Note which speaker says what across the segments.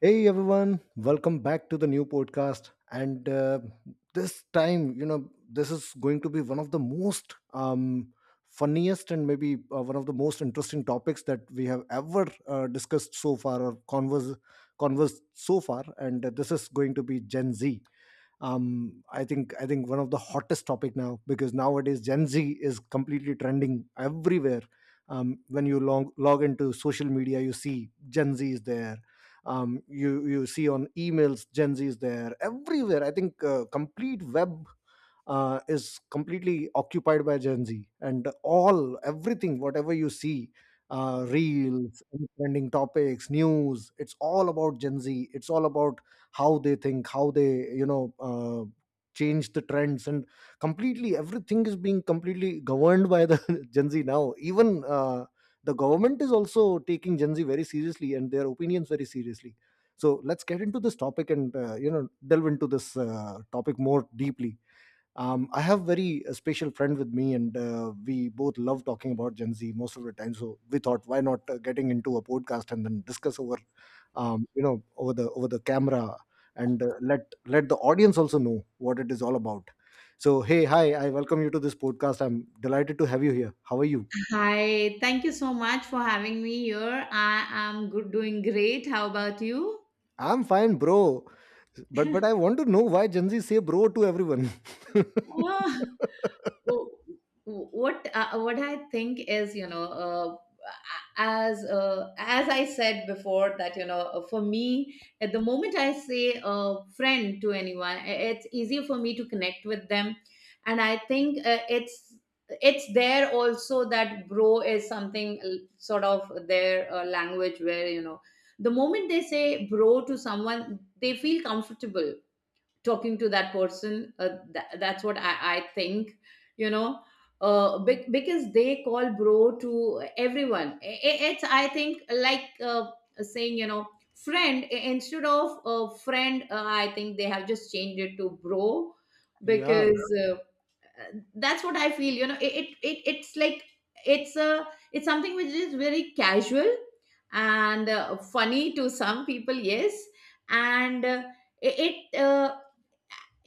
Speaker 1: Hey everyone, welcome back to the new podcast. And this time, this is going to be one of the most funniest, and maybe one of the most interesting topics that we have ever discussed so far or conversed so far. And this is going to be Gen Z. I think one of the hottest topic now, because nowadays Gen Z is completely trending everywhere. When you log into social media, you see Gen Z is there. You see on emails, Gen Z is there everywhere. I think, complete web is completely occupied by Gen Z, and all everything, whatever you see, reels, trending topics, news, it's all about Gen Z. It's all about how they think, how they change the trends, and completely everything is being completely governed by the Gen Z now. Even the government is also taking Gen Z very seriously, and their opinions very seriously. So let's get into this topic, and delve into this topic more deeply. I have very special friend with me, and we both love talking about Gen Z most of the time, so we thought, why not getting into a podcast and then discuss over, over the camera, and let the audience also know what it is all about. So hey, hi, I welcome you to this podcast. I'm delighted to have you here. How are you?
Speaker 2: Hi, thank you so much for having me here. I am good, doing great. How about you?
Speaker 1: I'm fine, bro. But I want to know, why Gen Z say bro to everyone?
Speaker 2: Oh. Well, what I think is, as I said before, that for me, at the moment I say a friend to anyone, it's easier for me to connect with them. And I think it's there also that bro is something sort of their language where, the moment they say bro to someone, they feel comfortable talking to that person. That's what I think. you know because they call bro to everyone, it's, I think, like, saying, friend, instead of friend, I think they have just changed it to bro,
Speaker 1: Yeah,
Speaker 2: because that's what I feel. It's like, it's a, it's something which is very casual and funny to some people, yes. And it it, uh,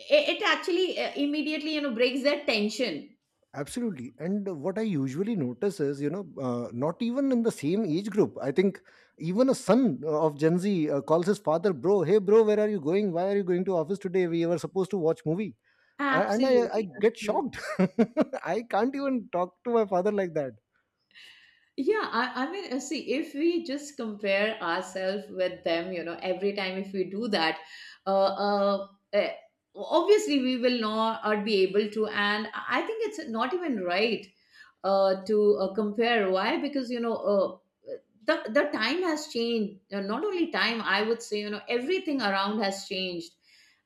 Speaker 2: it actually immediately breaks that tension.
Speaker 1: absolutely. And what I usually notice is, not even in the same age group. I think even a son of Gen Z calls his father, bro. Hey bro, where are you going? Why are you going to office today? We were supposed to watch movie. And I
Speaker 2: Absolutely,
Speaker 1: get shocked.
Speaker 2: absolutely.
Speaker 1: I can't even talk to my father like that.
Speaker 2: Yeah, I mean, see, if we just compare ourselves with them, every time if we do that, uh, uh, uh obviously we will not be able to. And I think it's not even right to compare. Why? Because, the time has changed. Not only time, I would say, everything around has changed,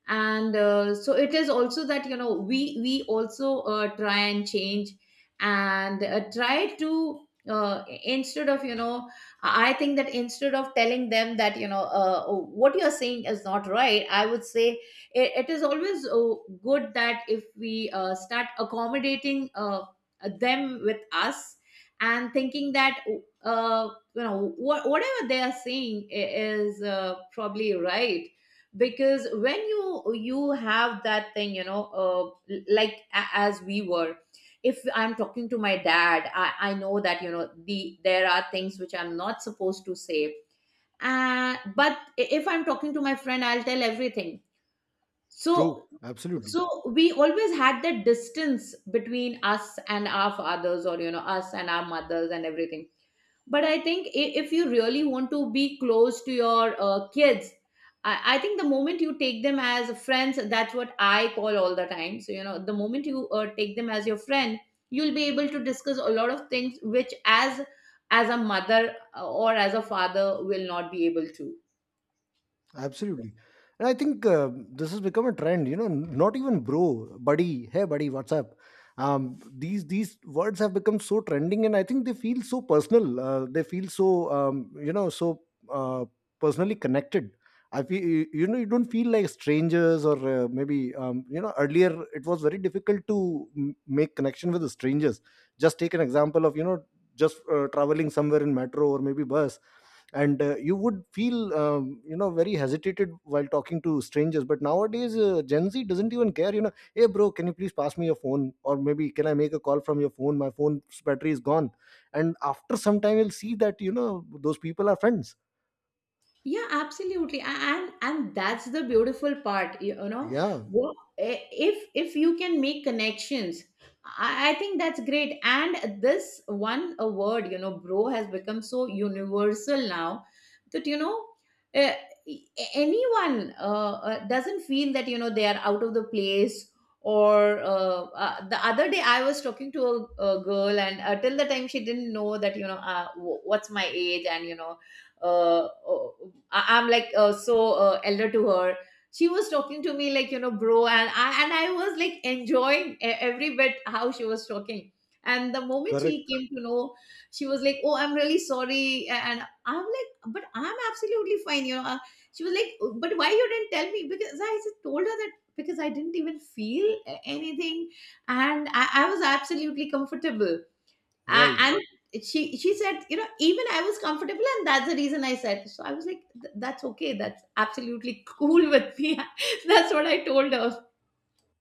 Speaker 2: and so it is also that, we also try and change, and try to. Instead of, I think that, instead of telling them that, what you're saying is not right, I would say it is always good that if we start accommodating, them with us, and thinking that, uh, whatever they are saying is probably right. Because when you have that thing, like, as we were, if I'm talking to my dad, I know that, there are things which I'm not supposed to say, but if I'm talking to my friend, I'll tell everything.
Speaker 1: True.
Speaker 2: So,
Speaker 1: Absolutely.
Speaker 2: so we always had that distance between us and our fathers, or, us and our mothers and everything. But I think, if you really want to be close to your kids, I think the moment you take them as friends — that's what I call all the time — so, the moment you take them as your friend, you'll be able to discuss a lot of things which, as a mother or as a father, will not be able to.
Speaker 1: Absolutely. And I think this has become a trend, you know, not even bro, buddy. Hey buddy, what's up? These words have become so trending, and I think they feel so personal. They feel so, uh, personally connected. I feel, you don't feel like strangers, or maybe, earlier it was very difficult to make connection with the strangers. Just take an example of, you know, just traveling somewhere in metro or maybe bus. And you would feel, very hesitated while talking to strangers. But nowadays, Gen Z doesn't even care. You know, hey bro, can you please pass me your phone? Or maybe, can I make a call from your phone? My phone's battery is gone. And after some time you'll see that, you know, those people are friends.
Speaker 2: Yeah, absolutely. And that's the beautiful part,
Speaker 1: Yeah.
Speaker 2: If you can make connections, I think that's great. And this one a word, bro, has become so universal now, that, uh, anyone, doesn't feel that, they are out of the place. Or, the other day I was talking to a girl, and till the time she didn't know that, what's my age, and, uh, uh, I'm like, so elder to her. She was talking to me like, bro, and I was like enjoying every bit how she was talking. And the moment she
Speaker 1: Correct.
Speaker 2: came to know, she was like, "Oh, I'm really sorry," and I'm like, "But I'm absolutely fine, She was like, "Oh, but why you didn't tell me?" Because I just told her that, because I didn't even feel anything, and I was absolutely comfortable.
Speaker 1: Right.
Speaker 2: And she said, even I was comfortable, and that's the reason I said so. I was like, That's okay, that's absolutely cool with me," that's what I told her.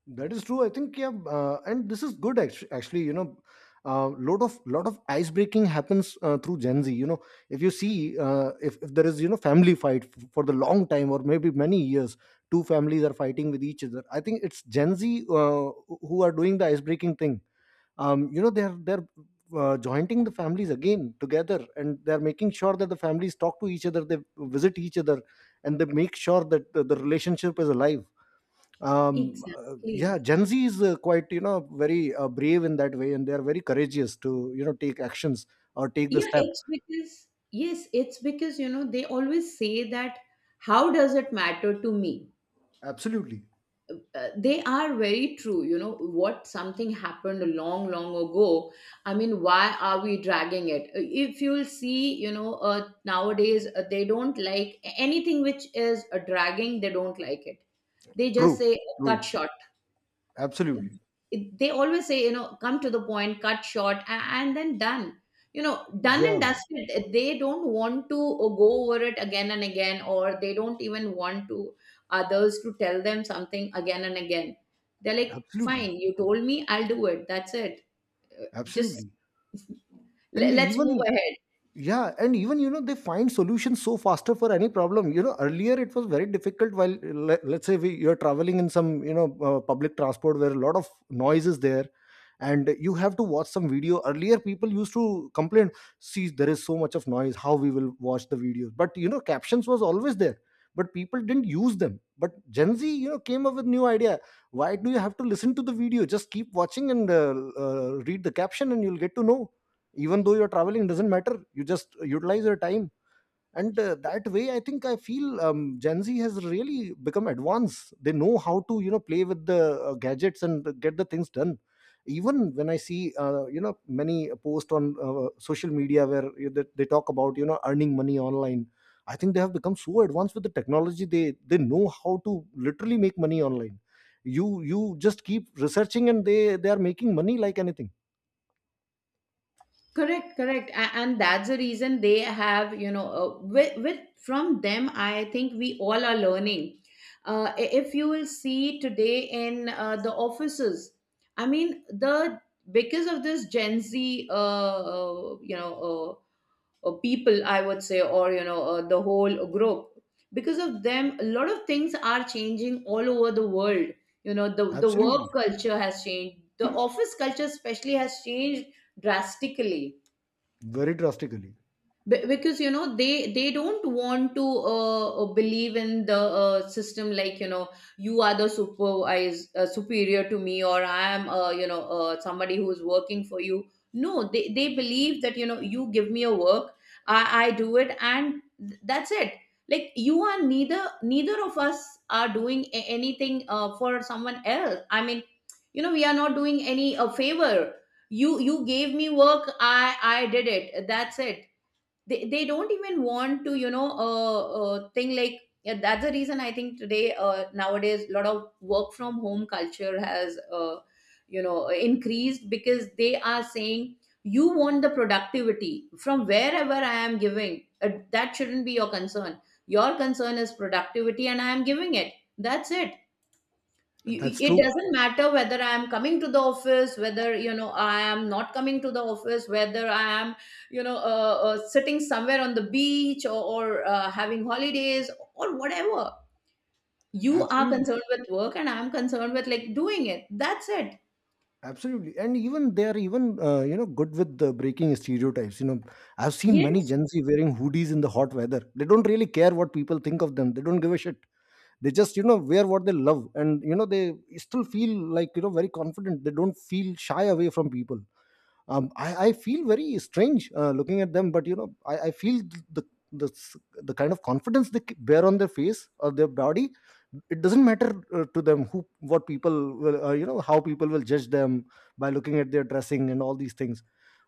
Speaker 1: That is true. I think, yeah, and this is good, actually. Actually, lot of ice breaking happens through Gen Z. You know, if you see, if there is, family fight for the long time or maybe many years, two families are fighting with each other. I think it's Gen Z who are doing the ice breaking thing. They're jointing the families again together, and they're making sure that the families talk to each other, they visit each other, and they make sure that the relationship is alive. Yeah,
Speaker 2: Exactly.
Speaker 1: Gen Z is quite, very brave in that way, and they are very courageous to, take actions or take the
Speaker 2: Yeah,
Speaker 1: step.
Speaker 2: it's because, yes, it's because, they always say that, how does it matter to me?
Speaker 1: Absolutely.
Speaker 2: They are very true, what, something happened long long ago, I mean, why are we dragging it? If you'll see, nowadays, they don't like anything which is a dragging, they don't like it. They just
Speaker 1: True.
Speaker 2: say, cut
Speaker 1: True.
Speaker 2: short.
Speaker 1: Absolutely.
Speaker 2: They always say, come to the point, cut short, and then done. Done
Speaker 1: Yeah,
Speaker 2: and dusted, they don't want to go over it again and again, or they don't even want to others to tell them something again and again. They're like,
Speaker 1: absolutely.
Speaker 2: fine, you told me, I'll do it, that's it. Uh, just
Speaker 1: Absolutely. And
Speaker 2: let's move
Speaker 1: even,
Speaker 2: ahead.
Speaker 1: yeah, and even, they find solutions so faster for any problem. You know, earlier it was very difficult while, let's say, you're traveling in some, public transport where a lot of noise is there, and you have to watch some video. Earlier, people used to complain, see, there is so much of noise, how we will watch the videos. But you know, captions was always there, but people didn't use them. But Gen Z, came up with new idea. Why do you have to listen to the video? Just keep watching, and read the caption, and you'll get to know. Even though you're traveling, doesn't matter, you just utilize your time. And that way I think, I feel, Gen Z has really become advanced. They know how to, play with the gadgets and get the things done. Even when I see, many posts on social media where they talk about, earning money online. I think they have become so advanced with the technology. They know how to literally make money online. You just keep researching, and they are making money like anything.
Speaker 2: Correct, correct. And that's the reason they have, with from them I think we all are learning. If you will see today, in the offices, I mean, the because of this Gen Z, people, I would say, or, the whole group, because of them a lot of things are changing all over the world. The work
Speaker 1: Absolutely.
Speaker 2: culture has changed, the office culture especially has changed, drastically.
Speaker 1: Very drastically.
Speaker 2: Because, they don't want to believe in the system, like, you are the supervisor, superior to me, or I am, somebody who's working for you. No, they believe that, you give me a work, I do it, and that's it. Like, you are neither of us are doing anything for someone else, I mean, we are not doing any favor. You gave me work, I did it, that's it. They don't even want to, thing like, yeah, that's the reason I think, today, nowadays, a lot of work from home culture has, increased, because they are saying, you want the productivity, from wherever I am giving, that shouldn't be your concern. Your concern is productivity and I am giving it, that's it. you-
Speaker 1: That's
Speaker 2: it
Speaker 1: true.
Speaker 2: doesn't matter whether I am coming to the office, whether, I am not coming to the office, whether I am, sitting somewhere on the beach, or having holidays, or whatever. You are
Speaker 1: Absolutely.
Speaker 2: concerned with work and I'm concerned with, like, doing it, that's it.
Speaker 1: Absolutely. And even they are even, good with the breaking stereotypes. You know, I've seen many
Speaker 2: Yes,
Speaker 1: Gen Z wearing hoodies in the hot weather. They don't really care what people think of them. They don't give a shit. They just, you know, wear what they love. And, you know, they still feel like, you know, very confident. They don't feel shy away from people. I feel very strange looking at them, but you know, I feel the, the s- the kind of confidence they bear on their face or their body. It doesn't matter to them, what people will, how people will judge them by looking at their dressing and all these things.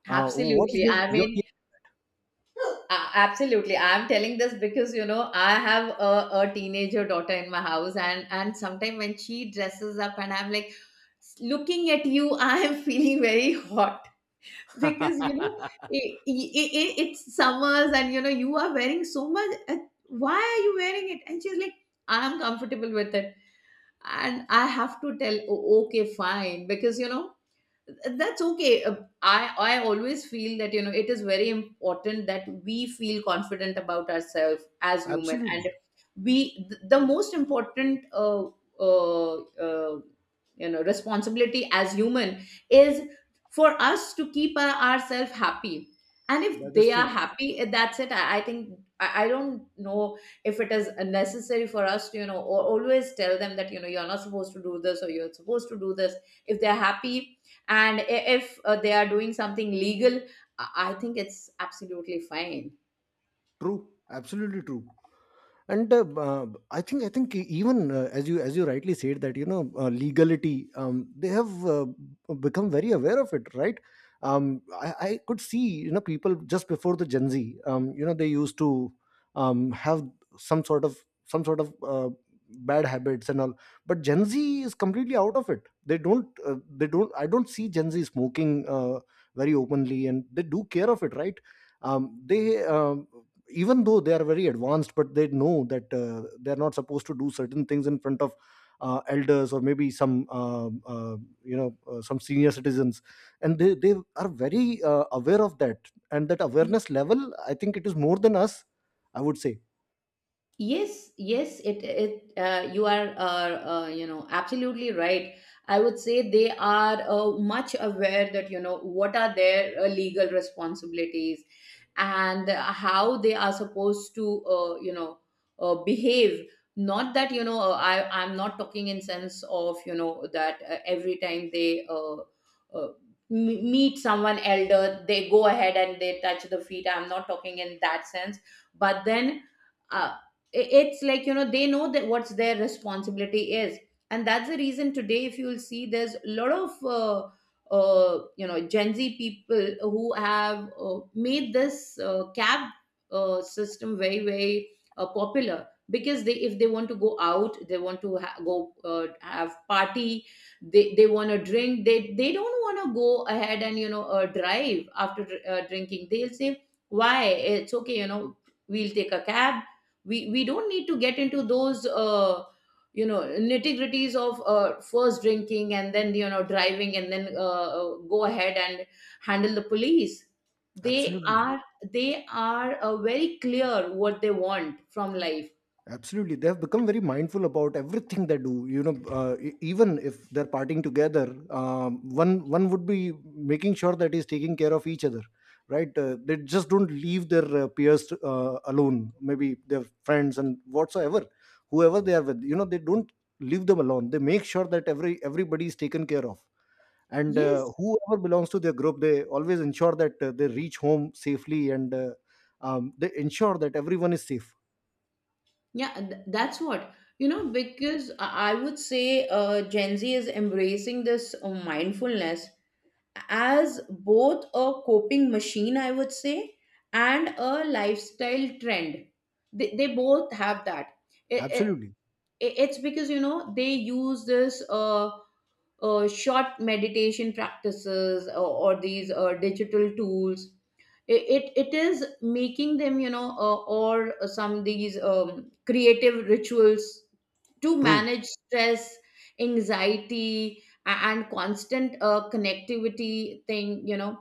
Speaker 1: What is
Speaker 2: absolutely,
Speaker 1: your
Speaker 2: I
Speaker 1: your?
Speaker 2: mean, absolutely, I'm telling this because, I have a teenager daughter in my house, and sometimes when she dresses up and I'm like, looking at you, I am feeling very hot.
Speaker 1: take?
Speaker 2: Because, it's summers, and, you are wearing so much! Why are you wearing it? And she's like, I'm comfortable with it. And I have to tell, Okay, fine," because, that's okay. I always feel that, it is very important that we feel confident about ourselves as human, and
Speaker 1: Absolutely,
Speaker 2: we, the most important uh, uh, responsibility as human, is for us to keep ourselves happy. And
Speaker 1: that
Speaker 2: if
Speaker 1: is
Speaker 2: they are
Speaker 1: true.
Speaker 2: happy, that's it. I think, I don't know if it is necessary for us to, always tell them that, you're not supposed to do this or you're supposed to do this. If they're happy, and i- if they are doing something legal, I think it's absolutely fine.
Speaker 1: True, absolutely true. And I think even, as you rightly said, that, you know, legality, they have become very aware of it, right. I could see, you know, people just before the Gen Z, they used to, have some sort of some sort of bad habits and all. But Gen Z is completely out of it. They don't uh, they don't i don't see Gen Z smoking very openly, and they do care of it, right. They, even though they are very advanced, but they know that they're not supposed to do certain things in front of elders, or maybe some, some senior citizens. And they are very aware of that, and that awareness level, I think, it is more than us, I would say.
Speaker 2: Yes, yes, it you are, absolutely right. I would say they are much aware that, what are their legal responsibilities, and how they are supposed to, behave. Not that, I'm not talking in sense of, that every time they uh, meet someone elder, they go ahead and they touch the feet. I'm not talking in that sense, but then. Uh, it's like, you know, they know that what's their responsibility is, and that's the reason today if you'll see there's a lot of you know, gen Z people who have made this cab system very very popular, because they, if they want to go out, they want to go have party, they want to drink, they don't want to go ahead and, you know, drive after drinking. They'll say, why, it's okay, you know, we'll take a cab. We don't need to get into those you know nitty gritties of first drinking and then, you know, driving and then go ahead and handle the police. They
Speaker 1: Absolutely.
Speaker 2: are, they are very clear what they want from life.
Speaker 1: Absolutely, they have become very mindful about everything they do. You know, even if they're partying together, one would be making sure that he's taking care of each other, right? They just don't leave their peers alone. Maybe their friends and whatsoever, whoever they are with. You know, they don't leave them alone. They make sure that everybody is taken care of, and
Speaker 2: Yes,
Speaker 1: whoever belongs to their group, they always ensure that they reach home safely. And they ensure that everyone is safe.
Speaker 2: yeah, that's what, you know, because I would say gen Z is embracing this mindfulness as both a coping machine, I would say, and a lifestyle trend. They both have that. It, it,
Speaker 1: Absolutely
Speaker 2: it's because, you know, they use this short meditation practices, or these digital tools. It is making them, you know, or some these creative rituals to
Speaker 1: true.
Speaker 2: manage stress, anxiety, and constant connectivity thing, you know,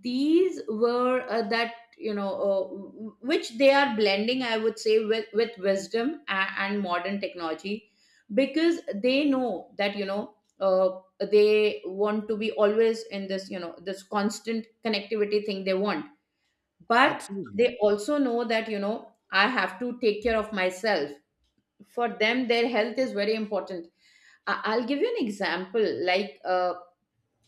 Speaker 2: these were that you know w- which they are blending, I would say, with wisdom and modern technology, because they know that, you know, they want to be always in this, you know, this constant connectivity thing they want. But
Speaker 1: Absolutely
Speaker 2: they also know that, you know, I have to take care of myself. For them, their health is very important. I'll give you an example. Like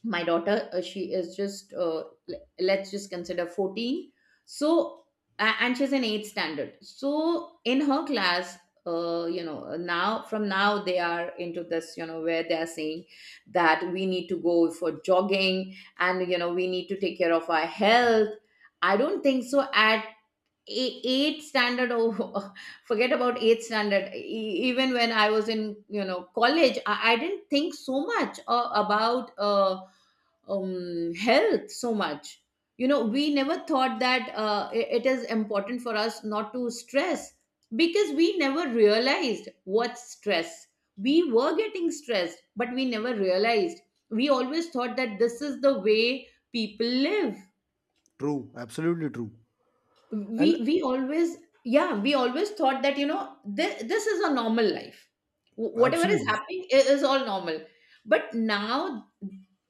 Speaker 2: my daughter, she is just let's just consider 14. So and she's in eighth standard, so in her class, you know, now from now they are into this, you know, where they are saying that we need to go for jogging, and you know, we need to take care of our health. I don't think so at eighth standard. Oh forget about eighth standard. Even when I was in, you know, college, I didn't think so much about health so much. You know, we never thought that it is important for us not to stress, because we never realized what stress. We were getting stressed, but we never realized. We always thought that this is the way people live.
Speaker 1: true. Absolutely true. And
Speaker 2: We always, yeah, we always thought that, you know, this is a normal life. Whatever is
Speaker 1: absolutely.
Speaker 2: happening is all normal. But now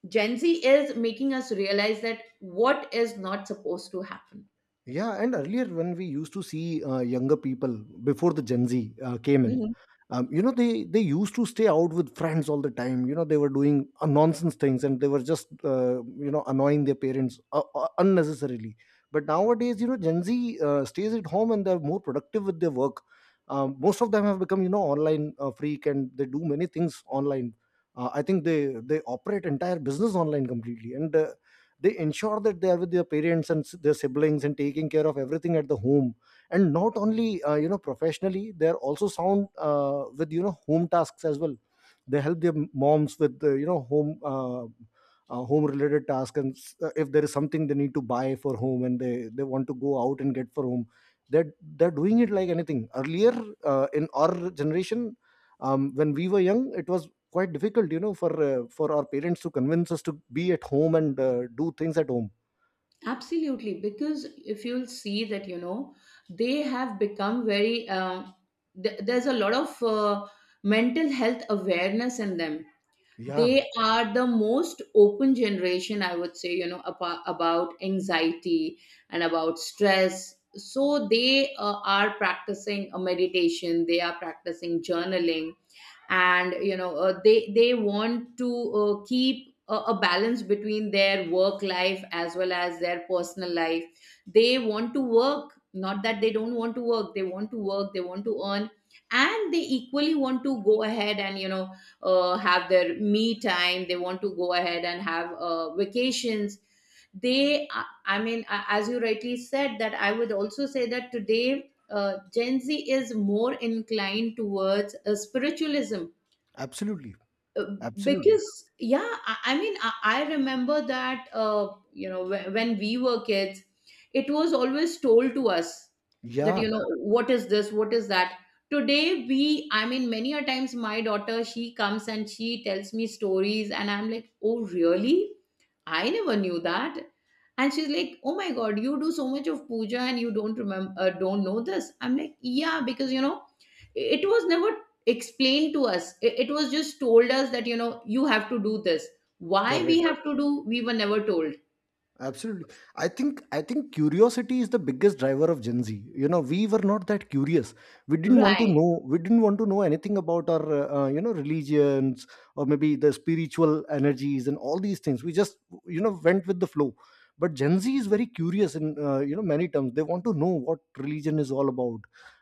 Speaker 2: gen Z is making us realize that what is not supposed to happen.
Speaker 1: Yeah, and earlier when we used to see younger people before the Gen Z came in,
Speaker 2: Mhm.
Speaker 1: they used to stay out with friends all the time. You know, they were doing nonsense things, and they were just, annoying their parents unnecessarily. But nowadays, you know, Gen Z stays at home, and they're more productive with their work. Most of them have become, you know, online freak, and they do many things online. I think they operate entire business online completely. And they ensure that they are with their parents, and their siblings, and taking care of everything at the home, and not only professionally, they are also sound with, you know, home tasks as well. They help their moms with, home home related tasks, and if there is something they need to buy for home, and they want to go out and get for home, that they're doing it like anything. Earlier in our generation, when we were young, it was quite difficult, you know, for our parents to convince us to be at home, and do things at home.
Speaker 2: Absolutely, because if you'll see that, you know, they have become very, there's a lot of mental health awareness in them.
Speaker 1: Yeah.
Speaker 2: They are the most open generation, I would say, you know, about anxiety and about stress. So they are practicing a meditation, they are practicing journaling, and you know, they want to keep a balance between their work life as well as their personal life. They want to work, not that they don't want to work, they want to work, they want to earn, and they equally want to go ahead and, you know, have their me time. They want to go ahead and have vacations. They. I mean, as you rightly said, that I would also say that today gen Z is more inclined towards spiritualism.
Speaker 1: Absolutely.
Speaker 2: uh,
Speaker 1: Absolutely.
Speaker 2: because yeah, I mean, I remember that, you know, when we were kids, it was always told to us that,
Speaker 1: Yeah.
Speaker 2: you know, what is this, what is that. Today we, I mean, many a times my daughter, she comes and she tells me stories and I'm like, oh really, I never knew that. And she's like, oh my god, you do so much of puja and you don't remember, don't know this. I'm like, yeah, because, you know, it was never explained to us. It was just told us that, you know, you have to do this. Why we
Speaker 1: Correct.
Speaker 2: have to do, we were never told.
Speaker 1: Absolutely. I think curiosity is the biggest driver of Gen Z. You know, we were not that curious. We didn't want to
Speaker 2: Right.
Speaker 1: know. We didn't want to know anything about our religions or maybe the spiritual energies and all these things. We just went with the flow. But Gen Z is very curious in many terms. They want to know what religion is all about.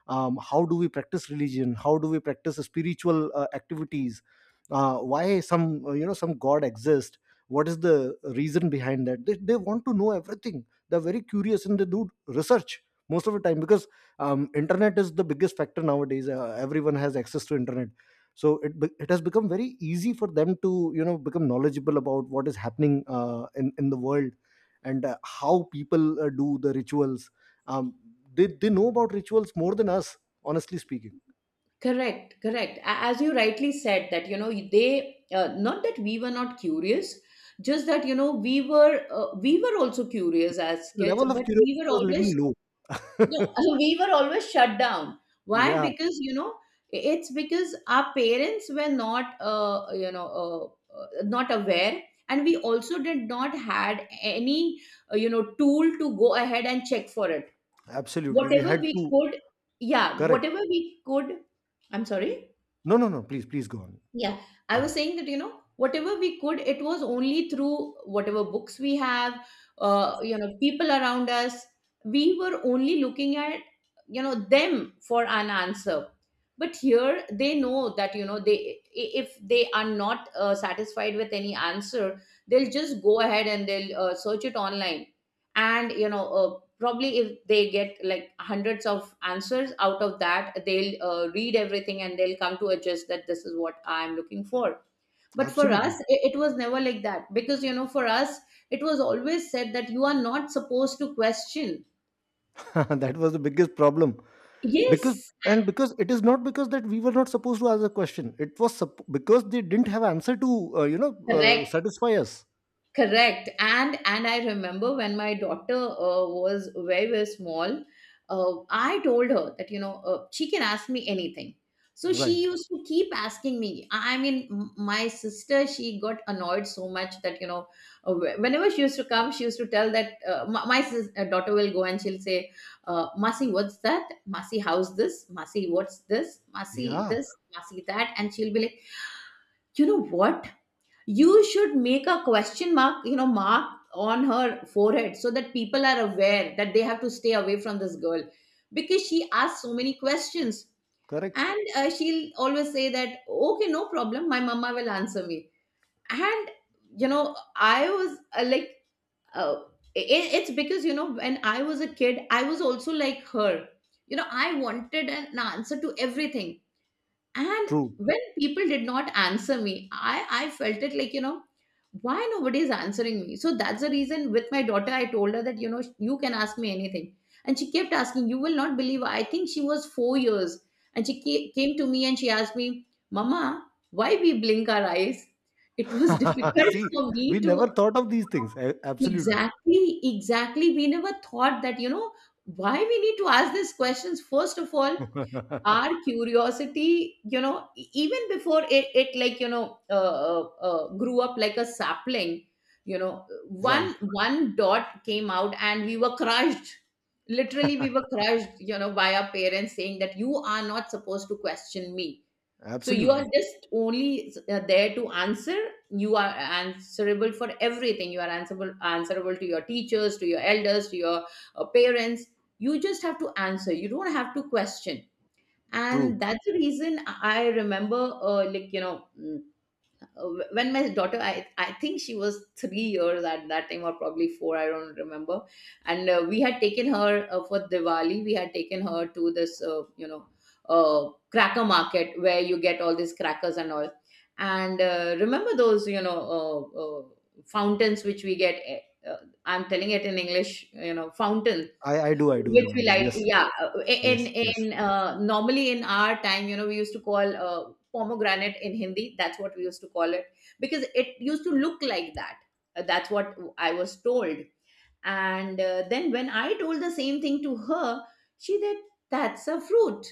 Speaker 1: How do we practice religion? How do we practice spiritual activities? Why some some god exists? What is the reason behind that? They want to know everything. They're very curious and they do research most of the time because internet is the biggest factor nowadays. Everyone has access to internet, so it has become very easy for them to become knowledgeable about what is happening in the world, and how people do the rituals. Um, they, they know about rituals more than us, honestly speaking.
Speaker 2: Correct, correct. As you rightly said that, you know, they not that we were not curious, just that, you know, we were also curious as
Speaker 1: The
Speaker 2: kids,
Speaker 1: level of
Speaker 2: but we were
Speaker 1: curiosity was little
Speaker 2: always,
Speaker 1: low.
Speaker 2: you know, we were always shut down. Why?
Speaker 1: Yeah,
Speaker 2: Because, you know, it's because our parents were not, not aware, and we also did not had any, you know, tool to go ahead and check for it.
Speaker 1: absolutely, we
Speaker 2: Whatever
Speaker 1: had
Speaker 2: we
Speaker 1: to.
Speaker 2: could, yeah,
Speaker 1: Correct.
Speaker 2: whatever we could. I'm sorry.
Speaker 1: No, no, no. Please, please go on.
Speaker 2: Yeah, I was saying that, you know, whatever we could, it was only through whatever books we have, you know, people around us. We were only looking at, you know, them for an answer. But here they know that, you know, they, if they are not satisfied with any answer, they'll just go ahead and they'll search it online, and you know, probably if they get like hundreds of answers out of that, they'll read everything and they'll come to a gist that this is what I'm looking for. But for us,
Speaker 1: Absolutely.
Speaker 2: it was never like that, because you know, for us it was always said that you are not supposed to question.
Speaker 1: That was the biggest problem. because
Speaker 2: Yes.
Speaker 1: and because it is not because that we were not supposed to ask the question. Because they didn't have answer to satisfy us.
Speaker 2: Correct. And I remember when my daughter was very very small, I told her that, you know, she can ask me anything. So she
Speaker 1: Right.
Speaker 2: used to keep asking me. I mean, my sister, she got annoyed so much that, you know, whenever she used to come, she used to tell that my daughter will go and she'll say, masi what's that, masi how's this, masi what's this, masi
Speaker 1: Yeah.
Speaker 2: this masi that. And she'll be like, you know what, you should make a question mark, you know, mark on her forehead so that people are aware that they have to stay away from this girl because she asks so many questions.
Speaker 1: Correct.
Speaker 2: And she'll always say that, okay, no problem, my mama will answer me. And you know, I was like uh, it, it's because, you know, when I was a kid, I was also like her. You know, I wanted an answer to everything. And
Speaker 1: True.
Speaker 2: when people did not answer me, I felt it like, you know, why nobody is answering me? So that's the reason, with my daughter, I told her that, you know, you can ask me anything. And she kept asking. You will not believe, I think she was 4 years. And she came to me and she asked me, Mama, why we blink our eyes? It was difficult
Speaker 1: See,
Speaker 2: for
Speaker 1: we
Speaker 2: me to.
Speaker 1: never thought of these things. Absolutely.
Speaker 2: Exactly, exactly. We never thought that, you know, why we need to ask these questions. First of all, our curiosity, you know, even before it like, you know, grew up like a sapling, you know,
Speaker 1: Right.
Speaker 2: one dot came out and we were crushed. Literally, we were crushed, you know, by our parents saying that you are not supposed to question me. So you are
Speaker 1: Absolutely.
Speaker 2: just only there to answer. You are answerable for everything. You are answerable, answerable to your teachers, to your elders, to your parents. You just have to answer, you don't have to question. And
Speaker 1: True.
Speaker 2: that's the reason I remember like, you know, when my daughter, I think she was 3 years at that time, or probably four, I don't remember. And we had taken her for Diwali, we had taken her to this you know, cracker market where you get all these crackers and all. And remember those, you know, fountains which we get, eh, uh, I'm telling it in English, you know, fountain,
Speaker 1: I do, I do
Speaker 2: which we
Speaker 1: remember.
Speaker 2: like,
Speaker 1: Yes.
Speaker 2: yeah.
Speaker 1: Yes. Yes.
Speaker 2: In Normally in our time, you know, we used to call pomegranate in Hindi. That's what we used to call it because it used to look like that. That's what I was told. And then when I told the same thing to her, she said, "That's a fruit."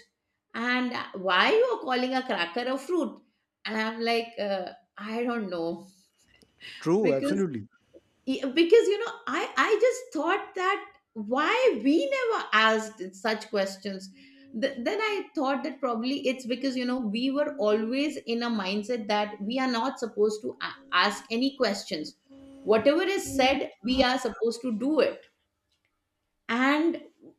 Speaker 2: And why you are calling a cracker a fruit? And I'm like, I don't know
Speaker 1: True.
Speaker 2: because
Speaker 1: Absolutely.
Speaker 2: yeah, because I just thought that why we never asked such questions. Then I thought that probably it's because you know we were always in a mindset that we are not supposed to ask any questions. Whatever is said, we are supposed to do it. And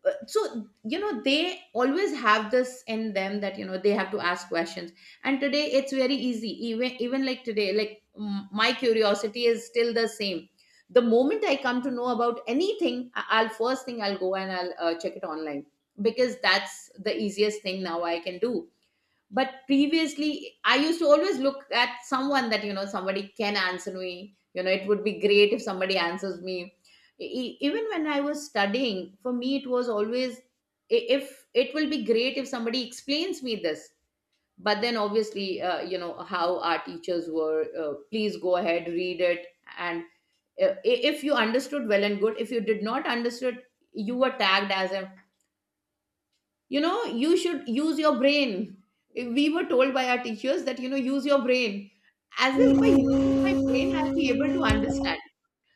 Speaker 2: so you know they always have this in them that you know they have to ask questions. And today it's very easy, even like today, like my curiosity is still the same. The moment I come to know about anything, I'll, first thing, I'll go and I'll check it online, because that's the easiest thing now I can do. But previously I used to always look at someone that you know somebody can answer me, you know it would be great if somebody answers me. Even when I was studying, for me it was always, if it will be great if somebody explains me this. But then obviously you know how our teachers were, please go ahead, read it. And if you understood, well and good. If you did not understood, you were tagged as a, you know, you should use your brain. We were told by our teachers that you know use your brain, as if by using my brain I'll be able to understand.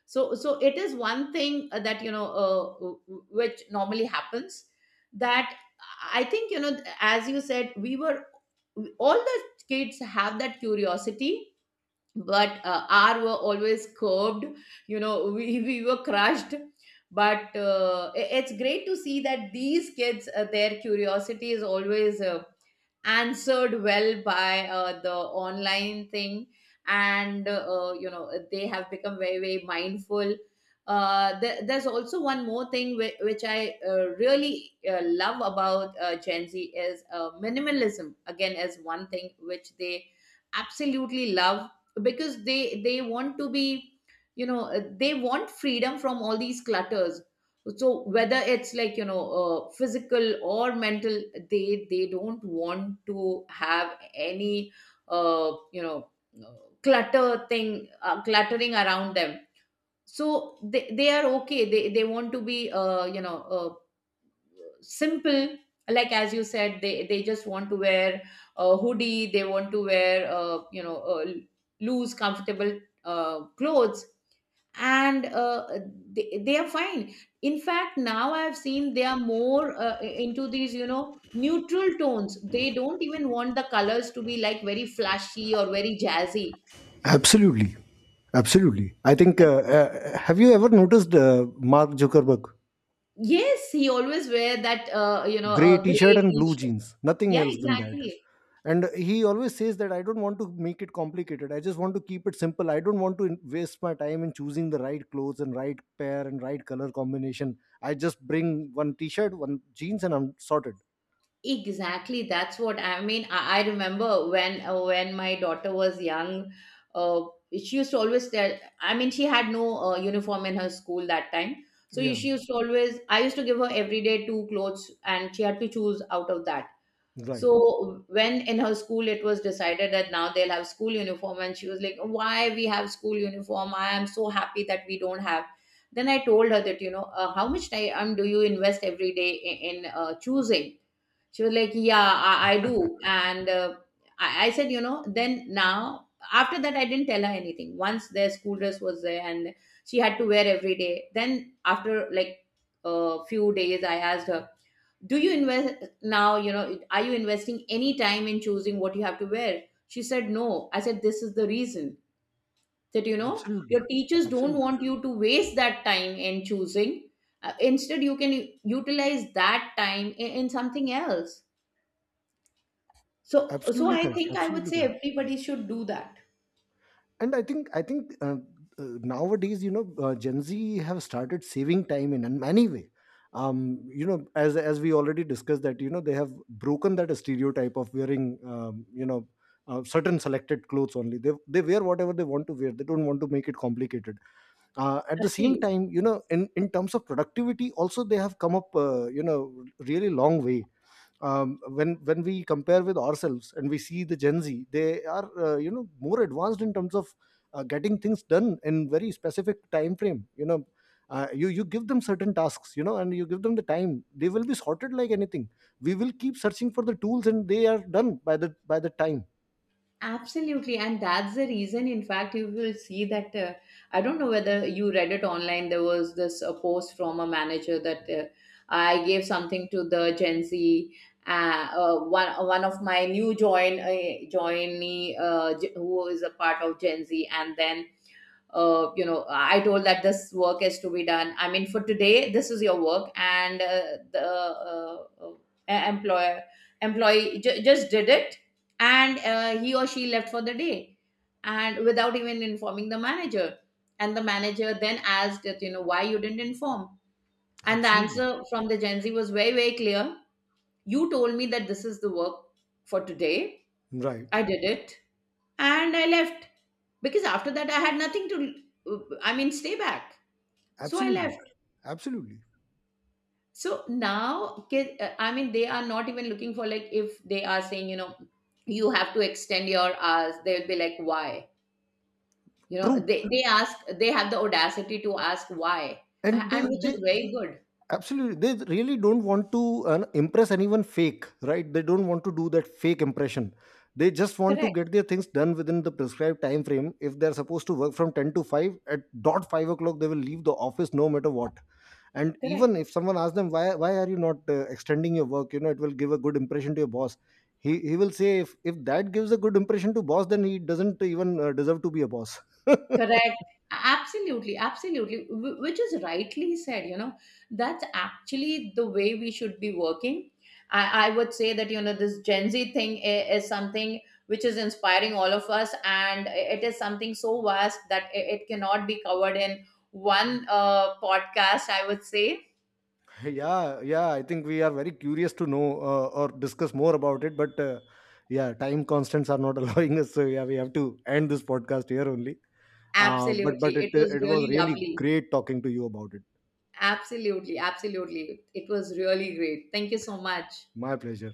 Speaker 2: So it is one thing, that you know, which normally happens, that I think, you know, as you said, we were, all the kids have that curiosity. But R were always curved. You know, we, we were crushed. But it's great to see that these kids, their curiosity is always answered well by the online thing. And you know they have become very very mindful. There's also one more thing which I really love about Gen Z is, minimalism again is one thing which they absolutely love, because they want to be, you know, they want freedom from all these clutters. So whether it's like, you know, physical or mental, they don't want to have any, uh, you know uh, clutter thing, cluttering around them. So they are okay, they want to be, simple. Like as you said, they just want to wear a hoodie, they want to wear loose, comfortable clothes. And they are fine. In fact, now I've seen they are more into these, you know, neutral tones. They don't even want the colors to be like very flashy or very jazzy.
Speaker 1: Absolutely. Absolutely. I think, have you ever noticed Mark Zuckerberg?
Speaker 2: Yes, he always wear that
Speaker 1: Gray t shirt
Speaker 2: gray
Speaker 1: and blue
Speaker 2: t-shirt.
Speaker 1: jeans. Nothing
Speaker 2: Yeah,
Speaker 1: else than that.
Speaker 2: exactly.
Speaker 1: And he always says that I don't want to make it complicated. I just want to keep it simple. I don't want to waste my time in choosing the right clothes and right pair and right color combination. I just bring one t shirt, one jeans, and I'm sorted.
Speaker 2: Exactly, that's what I mean. I remember when my daughter was young, uh, she used to always tell. I mean, she had no uniform in her school that time, so
Speaker 1: Yeah,
Speaker 2: she used to always. I used to give her every day two clothes, and she had to choose out of that.
Speaker 1: right.
Speaker 2: So when in her school it was decided that now they'll have school uniform, and she was like, "Why we have school uniform? I am so happy that we don't have." Then I told her that, you know, how much time do you invest every day in choosing. She was like, yeah, I do. And I said, you know, then now, after that, I didn't tell her anything. Once their school dress was there and she had to wear every day, then after like a few days, I asked her, do you invest now? You know, are you investing any time in choosing what you have to wear? She said, no. I said, this is the reason that, you know,
Speaker 1: Absolutely.
Speaker 2: your teachers don't
Speaker 1: Absolutely.
Speaker 2: want you to waste that time in choosing. Instead, you can utilize that time in something else. So
Speaker 1: Absolutely
Speaker 2: I
Speaker 1: correct.
Speaker 2: think I would
Speaker 1: Absolutely
Speaker 2: say
Speaker 1: correct.
Speaker 2: everybody should do that.
Speaker 1: And I think nowadays, gen z have started saving time in a many way. um you know, as we already discussed that, you know, they have broken that stereotype of wearing um, you know certain selected clothes only. They wear whatever they want to wear. They don't want to make it complicated. At the same
Speaker 2: Actually,
Speaker 1: time, you know, in terms of productivity also they have come up, really long way. When we compare with ourselves and we see the gen z, they are, more advanced in terms of getting things done in very specific time frame. You know, you give them certain tasks, you know, and you give them the time, they will be sorted like anything. We will keep searching for the tools and they are done by the time.
Speaker 2: absolutely. And that's the reason, in fact, you will see that. I don't know whether you read it online. There was this post from a manager that I gave something to the Gen Z. One of my new joinee, who is a part of Gen Z, and then you know I told that this work is to be done, I mean for today this is your work. And the employer employee just did it. And he or she left for the day, and without even informing the manager. And the manager then asked that, you know, why you didn't inform. And the
Speaker 1: Absolutely.
Speaker 2: answer from the Gen Z was very very clear. You told me that this is the work for today,
Speaker 1: Right.
Speaker 2: I did it and I left, because after that I had nothing to, I mean, stay back. So I
Speaker 1: Absolutely.
Speaker 2: left.
Speaker 1: Absolutely.
Speaker 2: So now, kid, I mean, they are not even looking for, like, if they are saying, you know, you have to extend your hours, they'll be like, why? You know,
Speaker 1: True.
Speaker 2: they ask, they have the audacity to ask why,
Speaker 1: And
Speaker 2: and which is
Speaker 1: they
Speaker 2: very good.
Speaker 1: Absolutely, they really don't want to impress anyone fake, right? They don't want to do that fake impression. They just want to
Speaker 2: Correct,
Speaker 1: get their things done within the prescribed time frame. If they're supposed to work from 10 to 5, at dot 5 o'clock they will leave the office no matter what. And
Speaker 2: correct.
Speaker 1: even if someone asks them, why are you not extending your work, you know, it will give a good impression to your boss, he will say if that gives a good impression to boss, then he doesn't even deserve to be a boss.
Speaker 2: Correct. Absolutely, absolutely. Which is rightly said, you know, that's actually the way we should be working. I would say that, you know, this Gen Z thing is something which is inspiring all of us, and it is something so vast that it cannot be covered in one podcast, I would say.
Speaker 1: Yeah, yeah, I think we are very curious to know or discuss more about it, but yeah, time constants are not allowing us, so yeah, we have to end this podcast here only. But
Speaker 2: Absolutely.
Speaker 1: it
Speaker 2: It was
Speaker 1: it was
Speaker 2: really
Speaker 1: really
Speaker 2: lovely.
Speaker 1: great talking to you about it.
Speaker 2: Absolutely, absolutely. It was really great. Thank you so much.
Speaker 1: My pleasure.